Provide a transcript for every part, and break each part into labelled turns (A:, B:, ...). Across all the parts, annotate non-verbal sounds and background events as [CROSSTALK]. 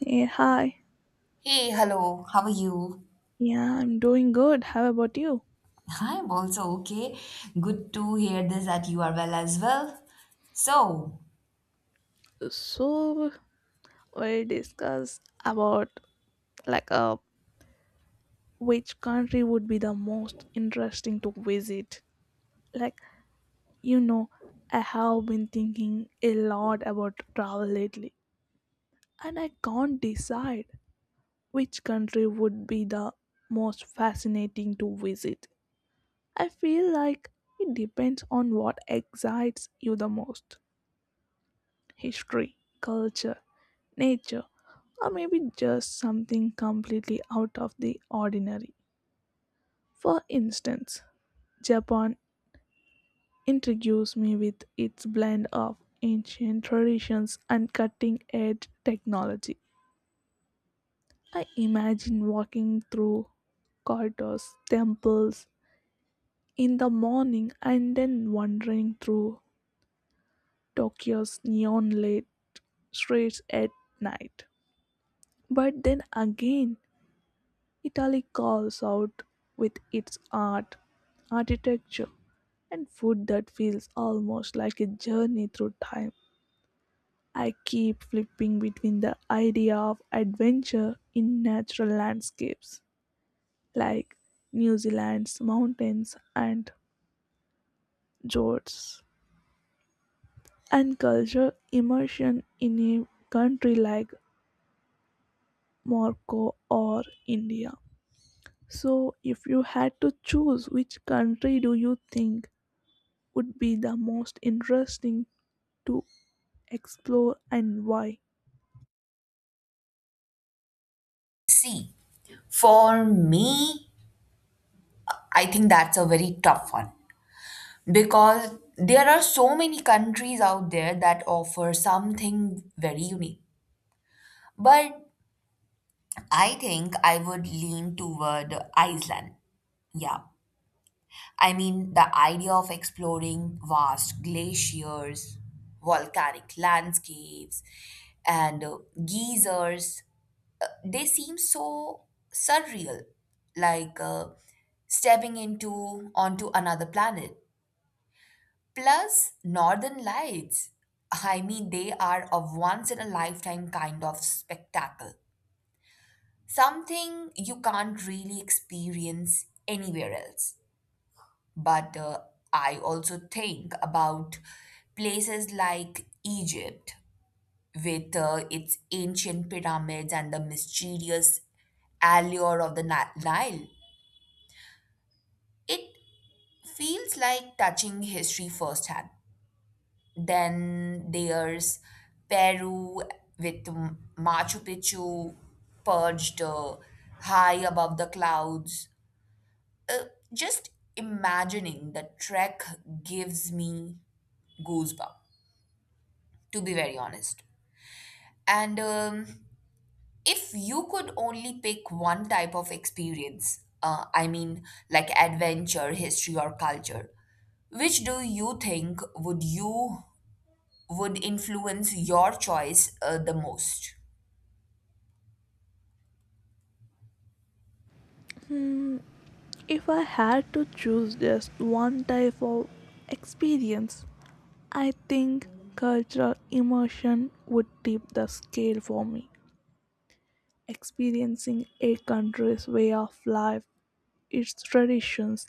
A: Hey, hi.
B: Hey, hello, how are you?
A: Yeah, I'm doing good. How about you?
B: [LAUGHS] I'm also okay. Good to hear this that you are well as well. So,
A: So, we'll discuss about like uh, which country would be the most interesting to visit. Like, you know, I have been thinking a lot about travel lately, and I can't decide which country would be the most fascinating to visit. I feel like it depends on what excites you the most: history, culture, nature, or maybe just something completely out of the ordinary. For instance, Japan intrigues me with its blend of ancient traditions and cutting edge technology. I imagine walking through corridors, temples in the morning, and then wandering through Tokyo's neon lit streets at night. But then again, Italy calls out with its art, architecture, and food that feels almost like a journey through time. I keep flipping between the idea of adventure in natural landscapes like New Zealand's mountains and fjords, and culture immersion in a country like Morocco or India. So, if you had to choose, which country do you think would be the most interesting to explore and why?
B: see, for me, I think that's a very tough one because there are so many countries out there that offer something very unique. But I think I would lean toward Iceland. Yeah, I mean, the idea of exploring vast glaciers, volcanic landscapes, and geysers, they seem so surreal, like uh, stepping into onto another planet. Plus, northern lights. I mean, they are a once in a lifetime kind of spectacle, something you can't really experience anywhere else. But I also think about places like Egypt with its ancient pyramids and the mysterious allure of the Nile. It feels like touching history firsthand. Then there's Peru with Machu Picchu perched high above the clouds. Uh, just imagining the trek gives me goosebumps. To be very honest. And If you could only pick one type of experience, I mean, like adventure, history, or culture, which do you think would you would influence your choice the most?
A: Hmm, if I had to choose just one type of experience, I think cultural immersion would tip the scale for me. Experiencing a country's way of life, its traditions,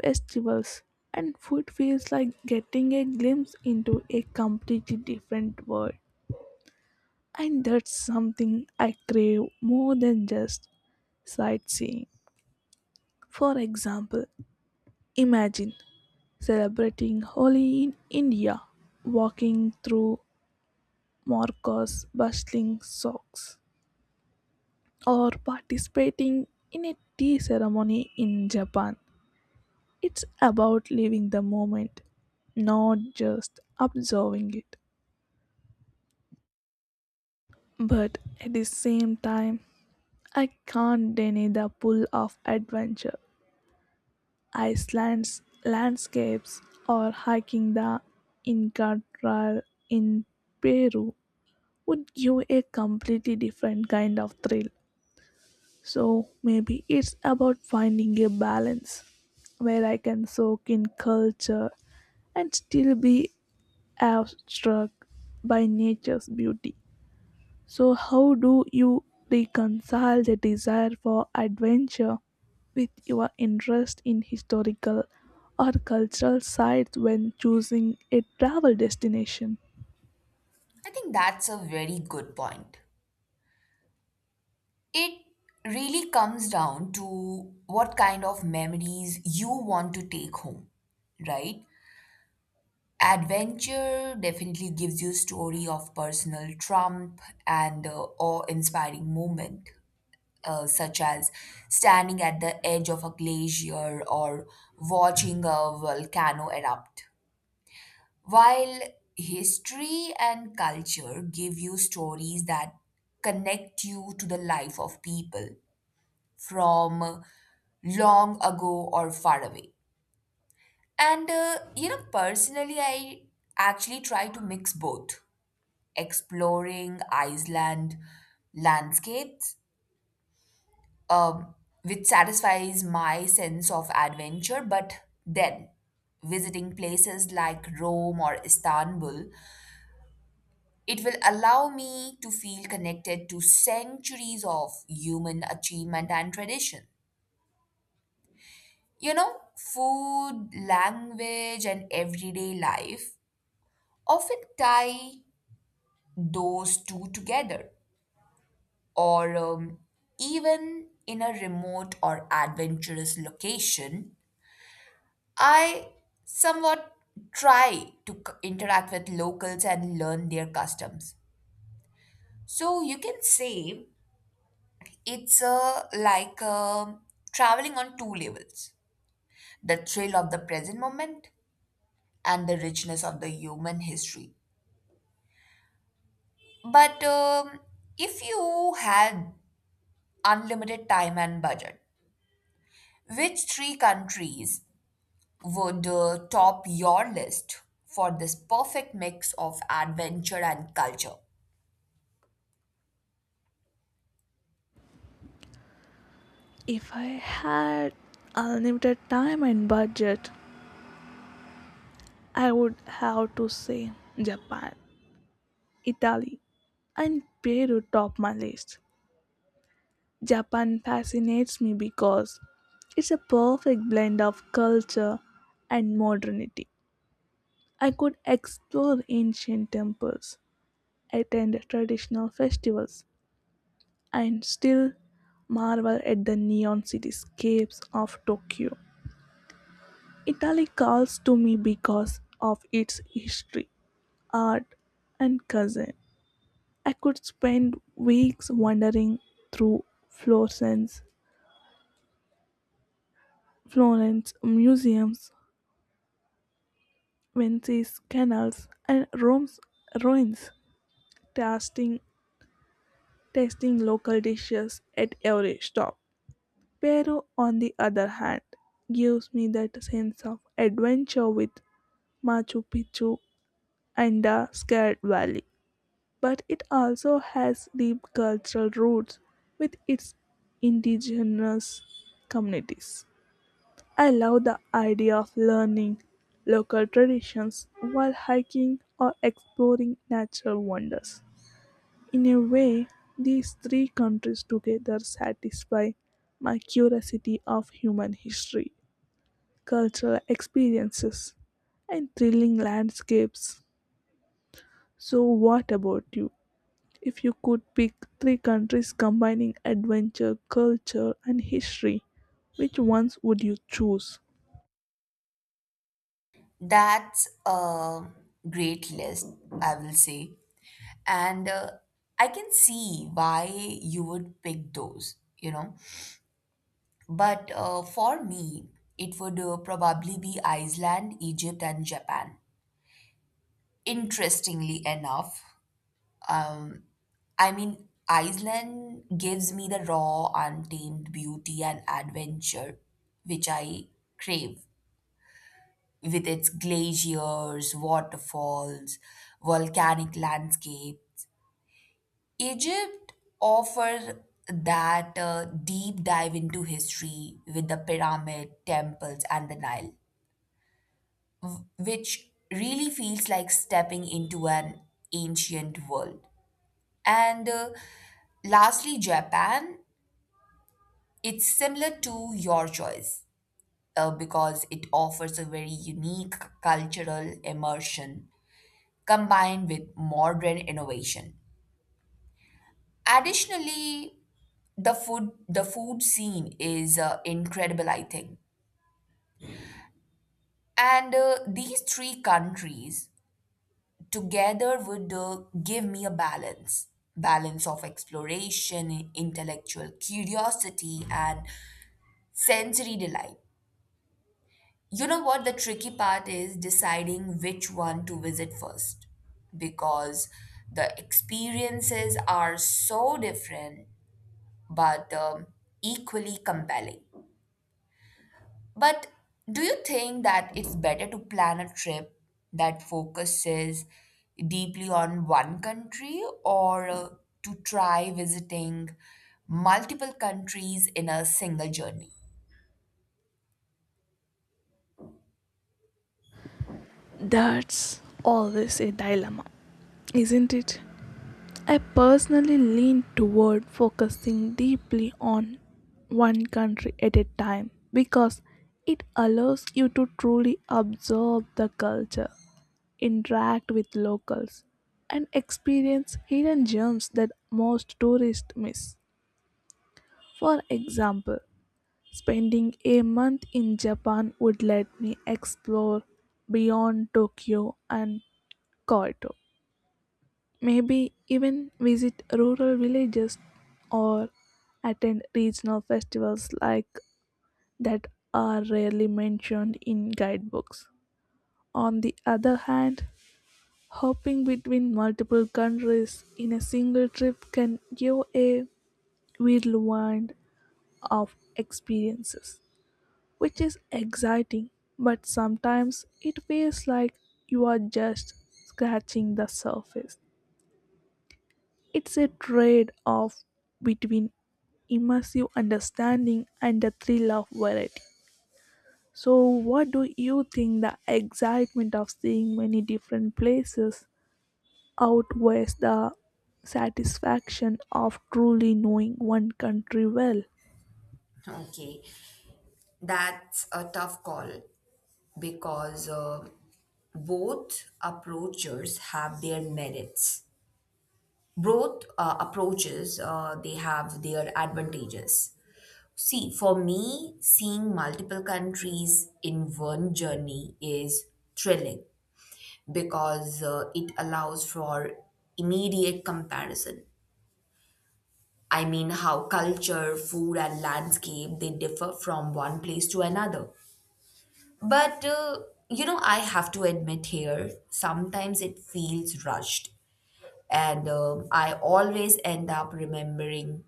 A: festivals, and food feels like getting a glimpse into a completely different world. And that's something I crave more than just sightseeing. For example, imagine celebrating Holi in India, walking through Morocco's bustling souks, or participating in a tea ceremony in Japan. It's about living the moment, not just observing it. But at the same time, I can't deny the pull of adventure. Iceland's landscapes or hiking the Inca Trail in Peru would give a completely different kind of thrill. So maybe it's about finding a balance where I can soak in culture and still be abstract by nature's beauty. So, how do you reconcile the desire for adventure with your interest in historical or cultural sites when choosing a travel destination?
B: I think that's a very good point. It really comes down to what kind of memories you want to take home, right? Adventure definitely gives you story of personal trump and awe-inspiring moment, such as standing at the edge of a glacier or watching a volcano erupt. While history and culture give you stories that connect you to the life of people from long ago or far away. And You know, personally, I actually try to mix both exploring Iceland landscapes, um, which satisfies my sense of adventure. But then, visiting places like Rome or Istanbul, it will allow me to feel connected to centuries of human achievement and tradition. You know, food, language, and everyday life often tie those two together. Or even in a remote or adventurous location, I somewhat try to interact with locals and learn their customs. So you can say it's like traveling on two levels, the thrill of the present moment and the richness of the human history. But If you had unlimited time and budget, which three countries would top your list for this perfect mix of adventure and culture?
A: If I had unlimited time and budget, I would have to say Japan, Italy, and Peru top my list. Japan fascinates me because it's a perfect blend of culture and modernity. I could explore ancient temples, attend traditional festivals, and still marvel at the neon cityscapes of Tokyo. Italy calls to me because of its history, art, and cuisine. I could spend weeks wandering through Florence, Florence museums, Venice's canals, and Rome's ruins, tasting tasting local dishes at every stop. Peru, on the other hand, gives me that sense of adventure with Machu Picchu and the Scared Valley. But it also has deep cultural roots with its indigenous communities. I love the idea of learning local traditions while hiking or exploring natural wonders. In a way, these three countries together satisfy my curiosity of human history, cultural experiences, and thrilling landscapes. So, what about you? If you could pick three countries combining adventure, culture, and history, which ones would you choose?
B: That's a great list, I will say. And I can see why you would pick those, you know. But For me, it would probably be Iceland, Egypt, and Japan. Interestingly enough, Um, I mean, Iceland gives me the raw, untamed beauty and adventure which I crave with its glaciers, waterfalls, volcanic landscape. Egypt offers that deep dive into history with the pyramid, temples, and the Nile, which really feels like stepping into an ancient world. And Lastly, Japan. It's similar to your choice because it offers a very unique cultural immersion combined with modern innovation. Additionally, the food scene is incredible, I think. And These three countries together would give me a balance of exploration, intellectual curiosity, and sensory delight. You know what? The tricky part is deciding which one to visit first because the experiences are so different but equally compelling. But do you think that it's better to plan a trip that focuses deeply on one country, or to try visiting multiple countries in a single journey?
A: That's always a dilemma, isn't it? I personally lean toward focusing deeply on one country at a time because it allows you to truly absorb the culture, interact with locals, and experience hidden gems that most tourists miss. For example, spending a month in Japan would let me explore beyond Tokyo and Kyoto. Maybe even visit rural villages or attend regional festivals like that are rarely mentioned in guidebooks. On the other hand, hopping between multiple countries in a single trip can give a whirlwind of experiences, which is exciting, but sometimes it feels like you are just scratching the surface. It's a trade off between immersive understanding and the thrill of variety. So, what do you think? The excitement of seeing many different places outweighs the satisfaction of truly knowing one country well.
B: Okay, that's a tough call because both approaches have their merits. Both approaches they have their advantages. See, for me, seeing multiple countries in one journey is thrilling because it allows for immediate comparison. I mean, how culture, food, and landscape they differ from one place to another. But You know, I have to admit here, sometimes it feels rushed and I always end up remembering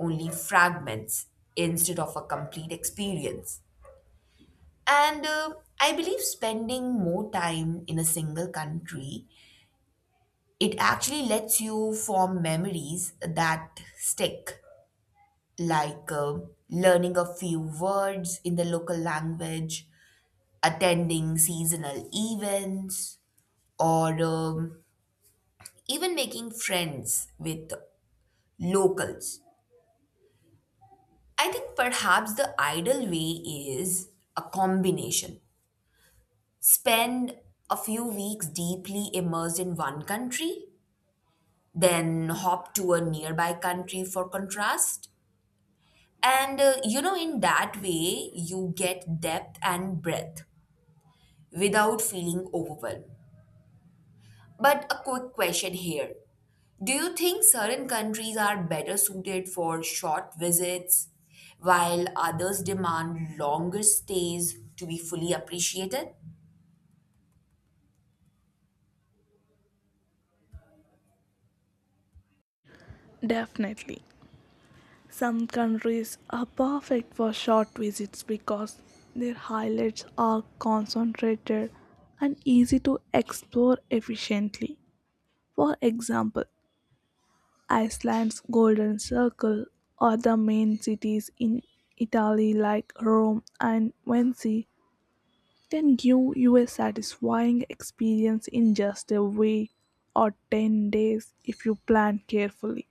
B: only fragments instead of a complete experience. And I believe spending more time in a single country, it actually lets you form memories that stick, like learning a few words in the local language, attending seasonal events, or even making friends with locals. I think perhaps the ideal way is a combination. Spend a few weeks deeply immersed in one country, then hop to a nearby country for contrast. And You know, in that way, you get depth and breadth without feeling overwhelmed. But a quick question here. Do you think certain countries are better suited for short visits while others demand longer stays to be fully appreciated?
A: Definitely. Some countries are perfect for short visits because their highlights are concentrated and easy to explore efficiently. For example, Iceland's Golden Circle or the main cities in Italy like Rome and Venice can give you a satisfying experience in just a week or 10 days if you plan carefully.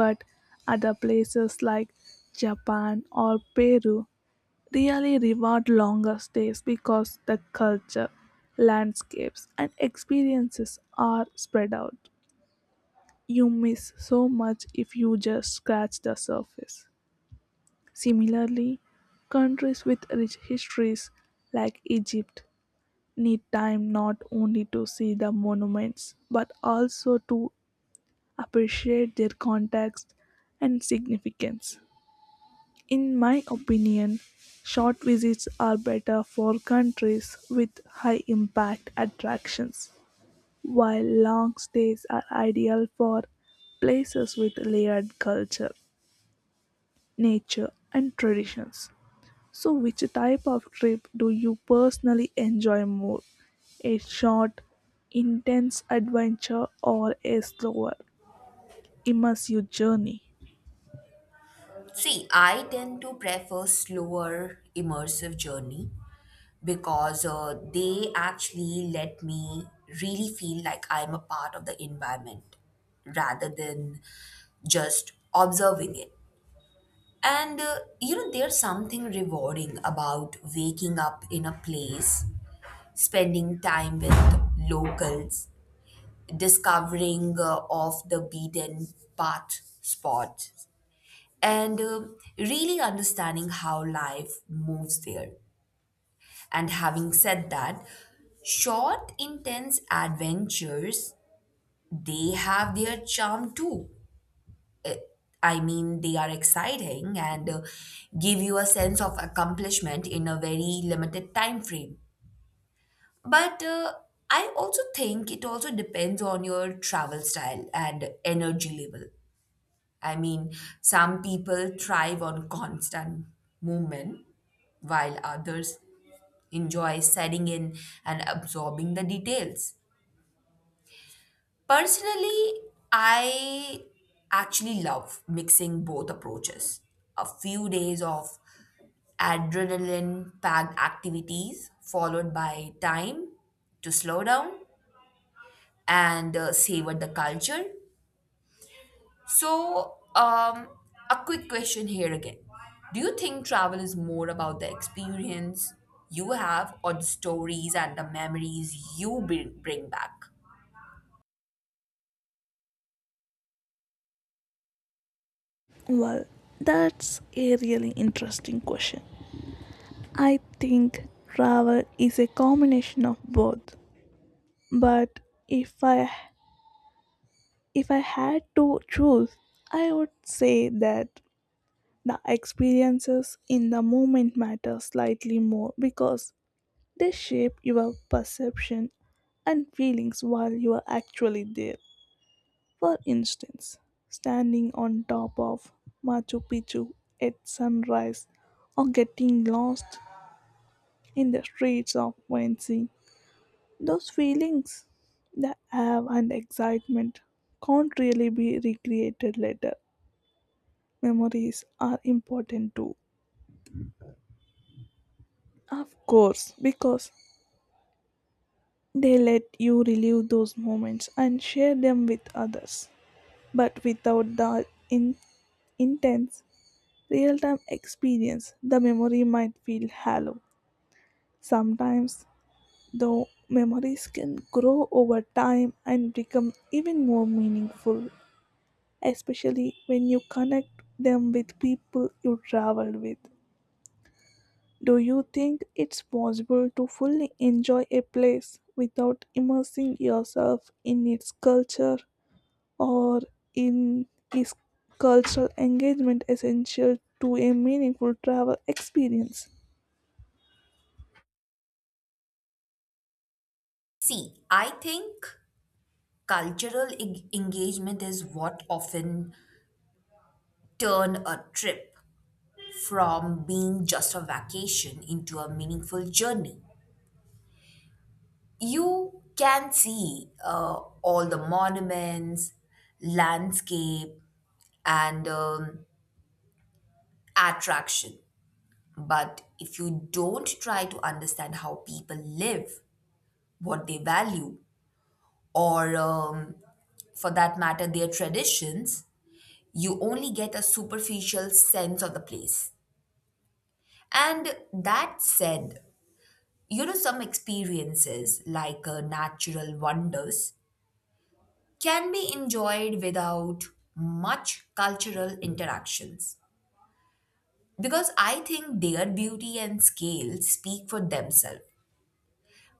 A: But other places like Japan or Peru really reward longer stays because the culture, landscapes, and experiences are spread out. You miss so much if you just scratch the surface. Similarly, countries with rich histories like Egypt need time not only to see the monuments but also to appreciate their context and significance. In my opinion, short visits are better for countries with high impact attractions, while long stays are ideal for places with layered culture, nature, and traditions. So, which type of trip do you personally enjoy more? A short, intense adventure or a slower, immersive journey?
B: See, I tend to prefer slower immersive journey because they actually let me really feel like I'm a part of the environment rather than just observing it. And You know, there's something rewarding about waking up in a place spending time with locals, discovering off the beaten path spots, and really understanding how life moves there. And having said that, short, intense adventures, they have their charm too. Uh, I mean, they are exciting and give you a sense of accomplishment in a very limited time frame. But I also think it also depends on your travel style and energy level. I mean, some people thrive on constant movement, while others enjoy setting in and absorbing the details. Personally, I actually love mixing both approaches. A few days of adrenaline packed activities, followed by time to slow down and savor the culture. So, a quick question here again. Do you think travel is more about the experience you have or the stories and the memories you bring back?
A: Well, that's a really interesting question. I think travel is a combination of both, but if I if I had to choose, I would say that the experiences in the moment matter slightly more because they shape your perception and feelings while you are actually there. For instance, standing on top of Machu Picchu at sunrise or getting lost in the streets of Valencia. Those feelings, the awe and excitement, can't really be recreated later. Memories are important too. Of course, because they let you relive those moments and share them with others. But without the intense real time experience, the memory might feel hollow. Sometimes, though, memories can grow over time and become even more meaningful, especially when you connect them with people you traveled with. Do you think it's possible to fully enjoy a place without immersing yourself in its culture? Or in is cultural engagement essential to a meaningful travel experience?
B: See, I think cultural engagement is what often turn a trip from being just a vacation into a meaningful journey. You can see all the monuments, landscape, and attraction. But if you don't try to understand how people live, what they value, or for that matter, their traditions, you only get a superficial sense of the place. And that said, you know, some experiences like natural wonders can be enjoyed without much cultural interactions because I think their beauty and scale speak for themselves.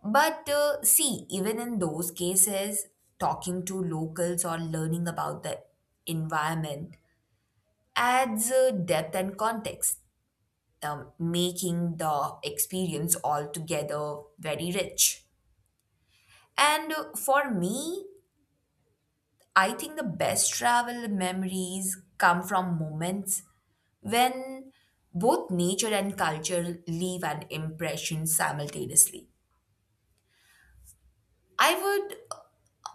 B: But See, even in those cases, talking to locals or learning about the environment adds depth and context, making the experience altogether very rich. And For me, I think the best travel memories come from moments when both nature and culture leave an impression simultaneously. I would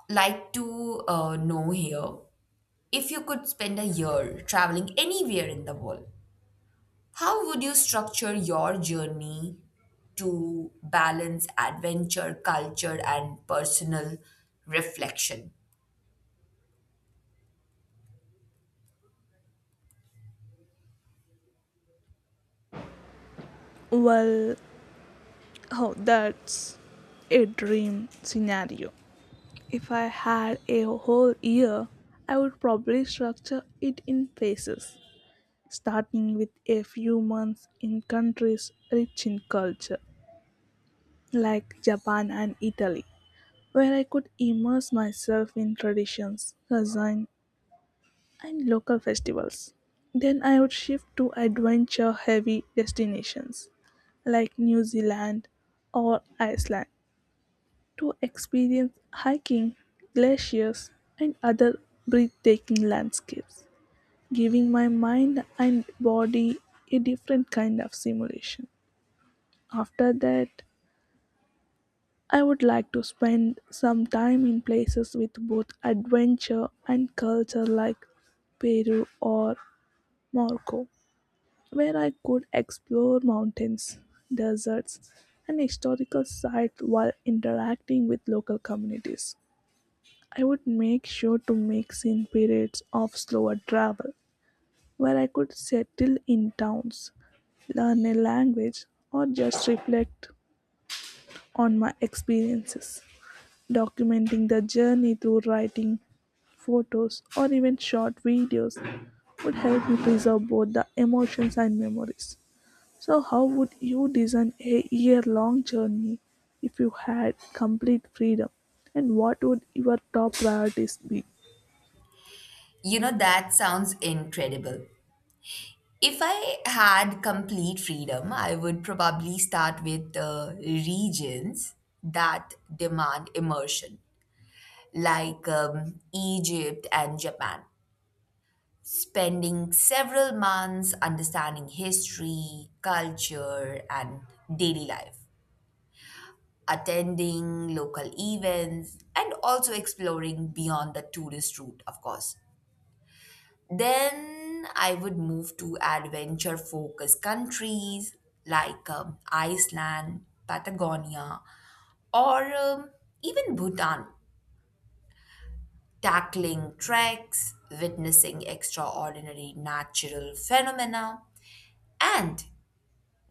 B: like to know here. If you could spend a year traveling anywhere in the world, how would you structure your journey to balance adventure, culture, and personal reflection?
A: Well, oh, that's a dream scenario. If I had a whole year, I would probably structure it in phases, starting with a few months in countries rich in culture, like Japan and Italy, where I could immerse myself in traditions, cuisine, and local festivals. Then I would shift to adventure heavy destinations like New Zealand or Iceland to experience hiking, glaciers, and other breathtaking landscapes, giving my mind and body a different kind of stimulation. After that, I would like to spend some time in places with both adventure and culture like Peru or Morocco where I could explore mountains, deserts, and historical sites while interacting with local communities. I would make sure to mix in periods of slower travel where I could settle in towns, learn a language, or just reflect on my experiences. Documenting the journey through writing, photos, or even short videos would help me preserve both the emotions and memories. So how would you design a year-long journey if you had complete freedom? And what would your top priorities be?
B: You know, that sounds incredible. If I had complete freedom, I would probably start with regions that demand immersion, like Egypt and Japan. Spending several months understanding history, culture, and daily life, attending local events, and also exploring beyond the tourist route, of course. Then I would move to adventure focused countries like Iceland, Patagonia, or even Bhutan, tackling treks, witnessing extraordinary natural phenomena, and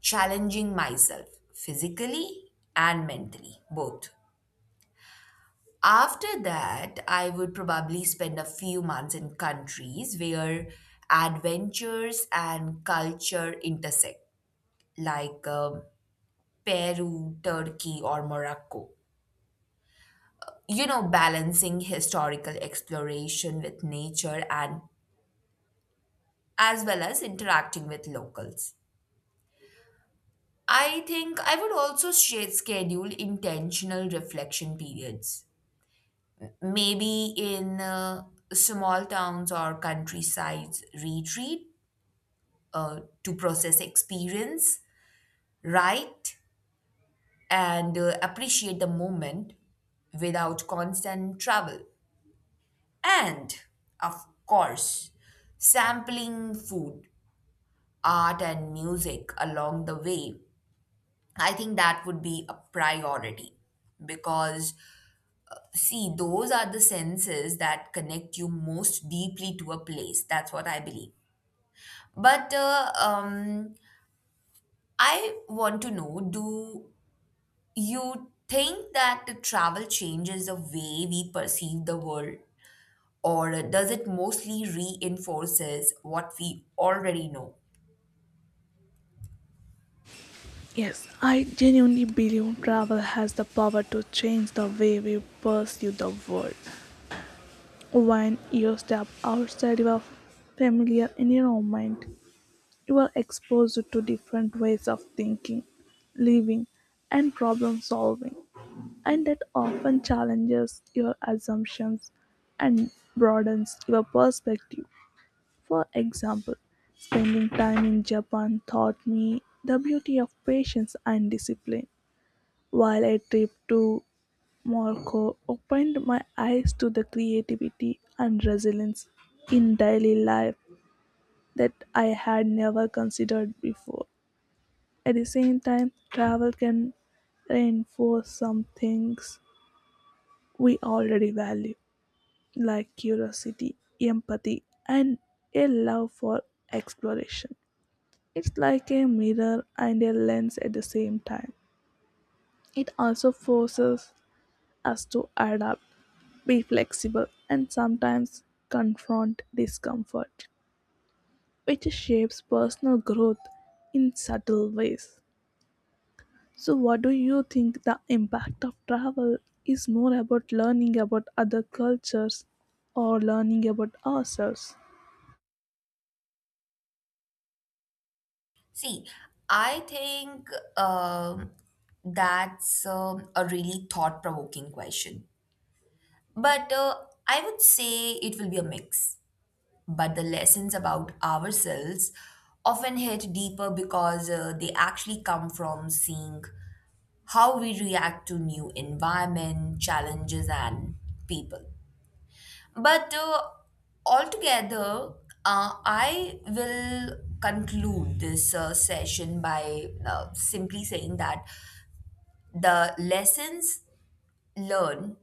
B: challenging myself physically and mentally, both. After that, I would probably spend a few months in countries where adventures and culture intersect, like Peru, Turkey, or Morocco. You know, balancing historical exploration with nature and as well as interacting with locals. I think I would also schedule intentional reflection periods, maybe in small towns or countrysides retreat, to process experience, write, and appreciate the moment without constant travel. And of course, sampling food, art, and music along the way. I think that would be a priority because, see, those are the senses that connect you most deeply to a place. That's what I believe. But I want to know, do you think that the travel changes the way we perceive the world, or does it mostly reinforces what we already know?
A: Yes, I genuinely believe travel has the power to change the way we pursue the world. When you step outside your familiar environment, you are exposed to different ways of thinking, living, and problem solving, and that often challenges your assumptions and broadens your perspective. For example, spending time in Japan taught me the beauty of patience and discipline, while a trip to Morocco opened my eyes to the creativity and resilience in daily life that I had never considered before. At the same time, travel can reinforce some things we already value, like curiosity, empathy, and a love for exploration. It's like a mirror and a lens at the same time. It also forces us to adapt, be flexible, and sometimes confront discomfort, which shapes personal growth in subtle ways. So, what do you think? The impact of travel is more about learning about other cultures or learning about ourselves?
B: See, I think um, that's a really thought provoking question. But I would say it will be a mix, but the lessons about ourselves often hit deeper because they actually come from seeing how we react to new environment challenges and people. But altogether I will conclude this session by simply saying that the lessons learned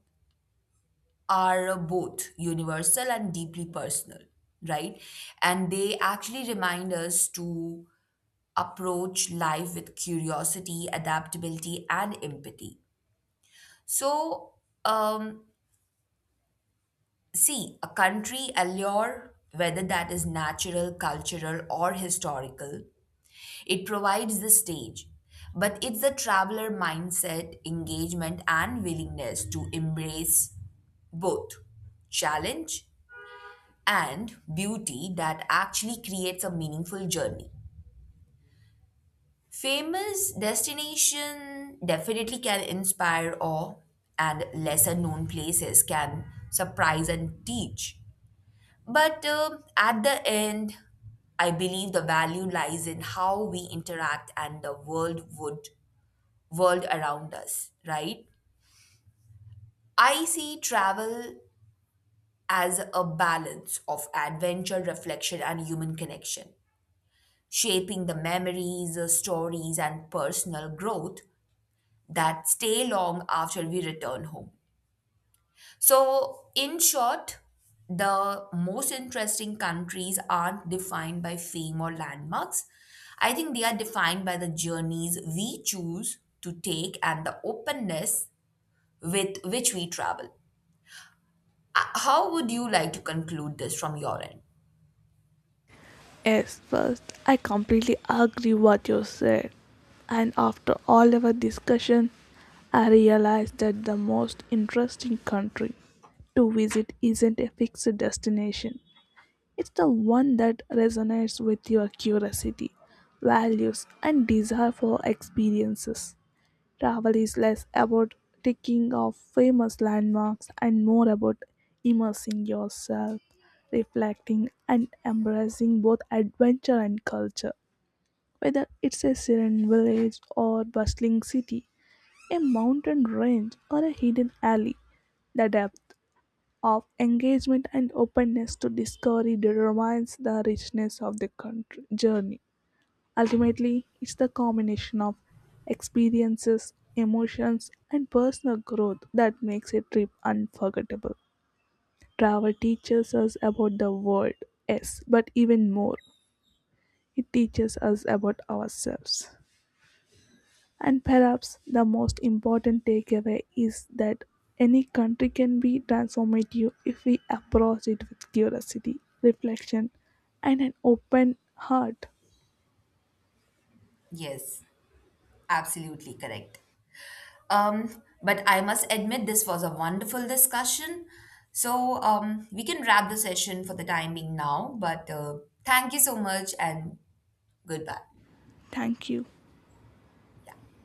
B: are both universal and deeply personal, right? And they actually remind us to approach life with curiosity, adaptability, and empathy. So, um, see, a country allure, whether that is natural, cultural, or historical, it provides the stage. But it's the traveler mindset, engagement, and willingness to embrace both challenge and beauty that actually creates a meaningful journey. Famous destination definitely can inspire awe and lesser known places can surprise and teach. But At the end, I believe the value lies in how we interact and the world would world around us, right? I see travel as a balance of adventure, reflection and human connection, shaping the memories, stories and personal growth that stay long after we return home. So, in short, the most interesting countries aren't defined by fame or landmarks. I think they are defined by the journeys we choose to take and the openness with which we travel. How would you like to conclude this from your end?
A: Yes, first, I completely agree what you said. And after all our discussion, I realized that the most interesting country to visit isn't a fixed destination. It's the one that resonates with your curiosity, values, and desire for experiences. Travel is less about ticking off famous landmarks and more about immersing yourself, reflecting, and embracing both adventure and culture. Whether it's a serene village or bustling city, a mountain range or a hidden alley, the depth of engagement and openness to discovery determines the richness of the country journey. Ultimately, it's the combination of experiences, emotions, and personal growth that makes a trip unforgettable. Travel teaches us about the world, yes, but even more, it teaches us about ourselves. And perhaps the most important takeaway is that any country can be transformative if we approach it with curiosity, reflection, and an open heart.
B: Yes, absolutely correct. But I must admit, this was a wonderful discussion. So we can wrap the session for the time being now. But Thank you so much and goodbye.
A: Thank you.
B: Yeah.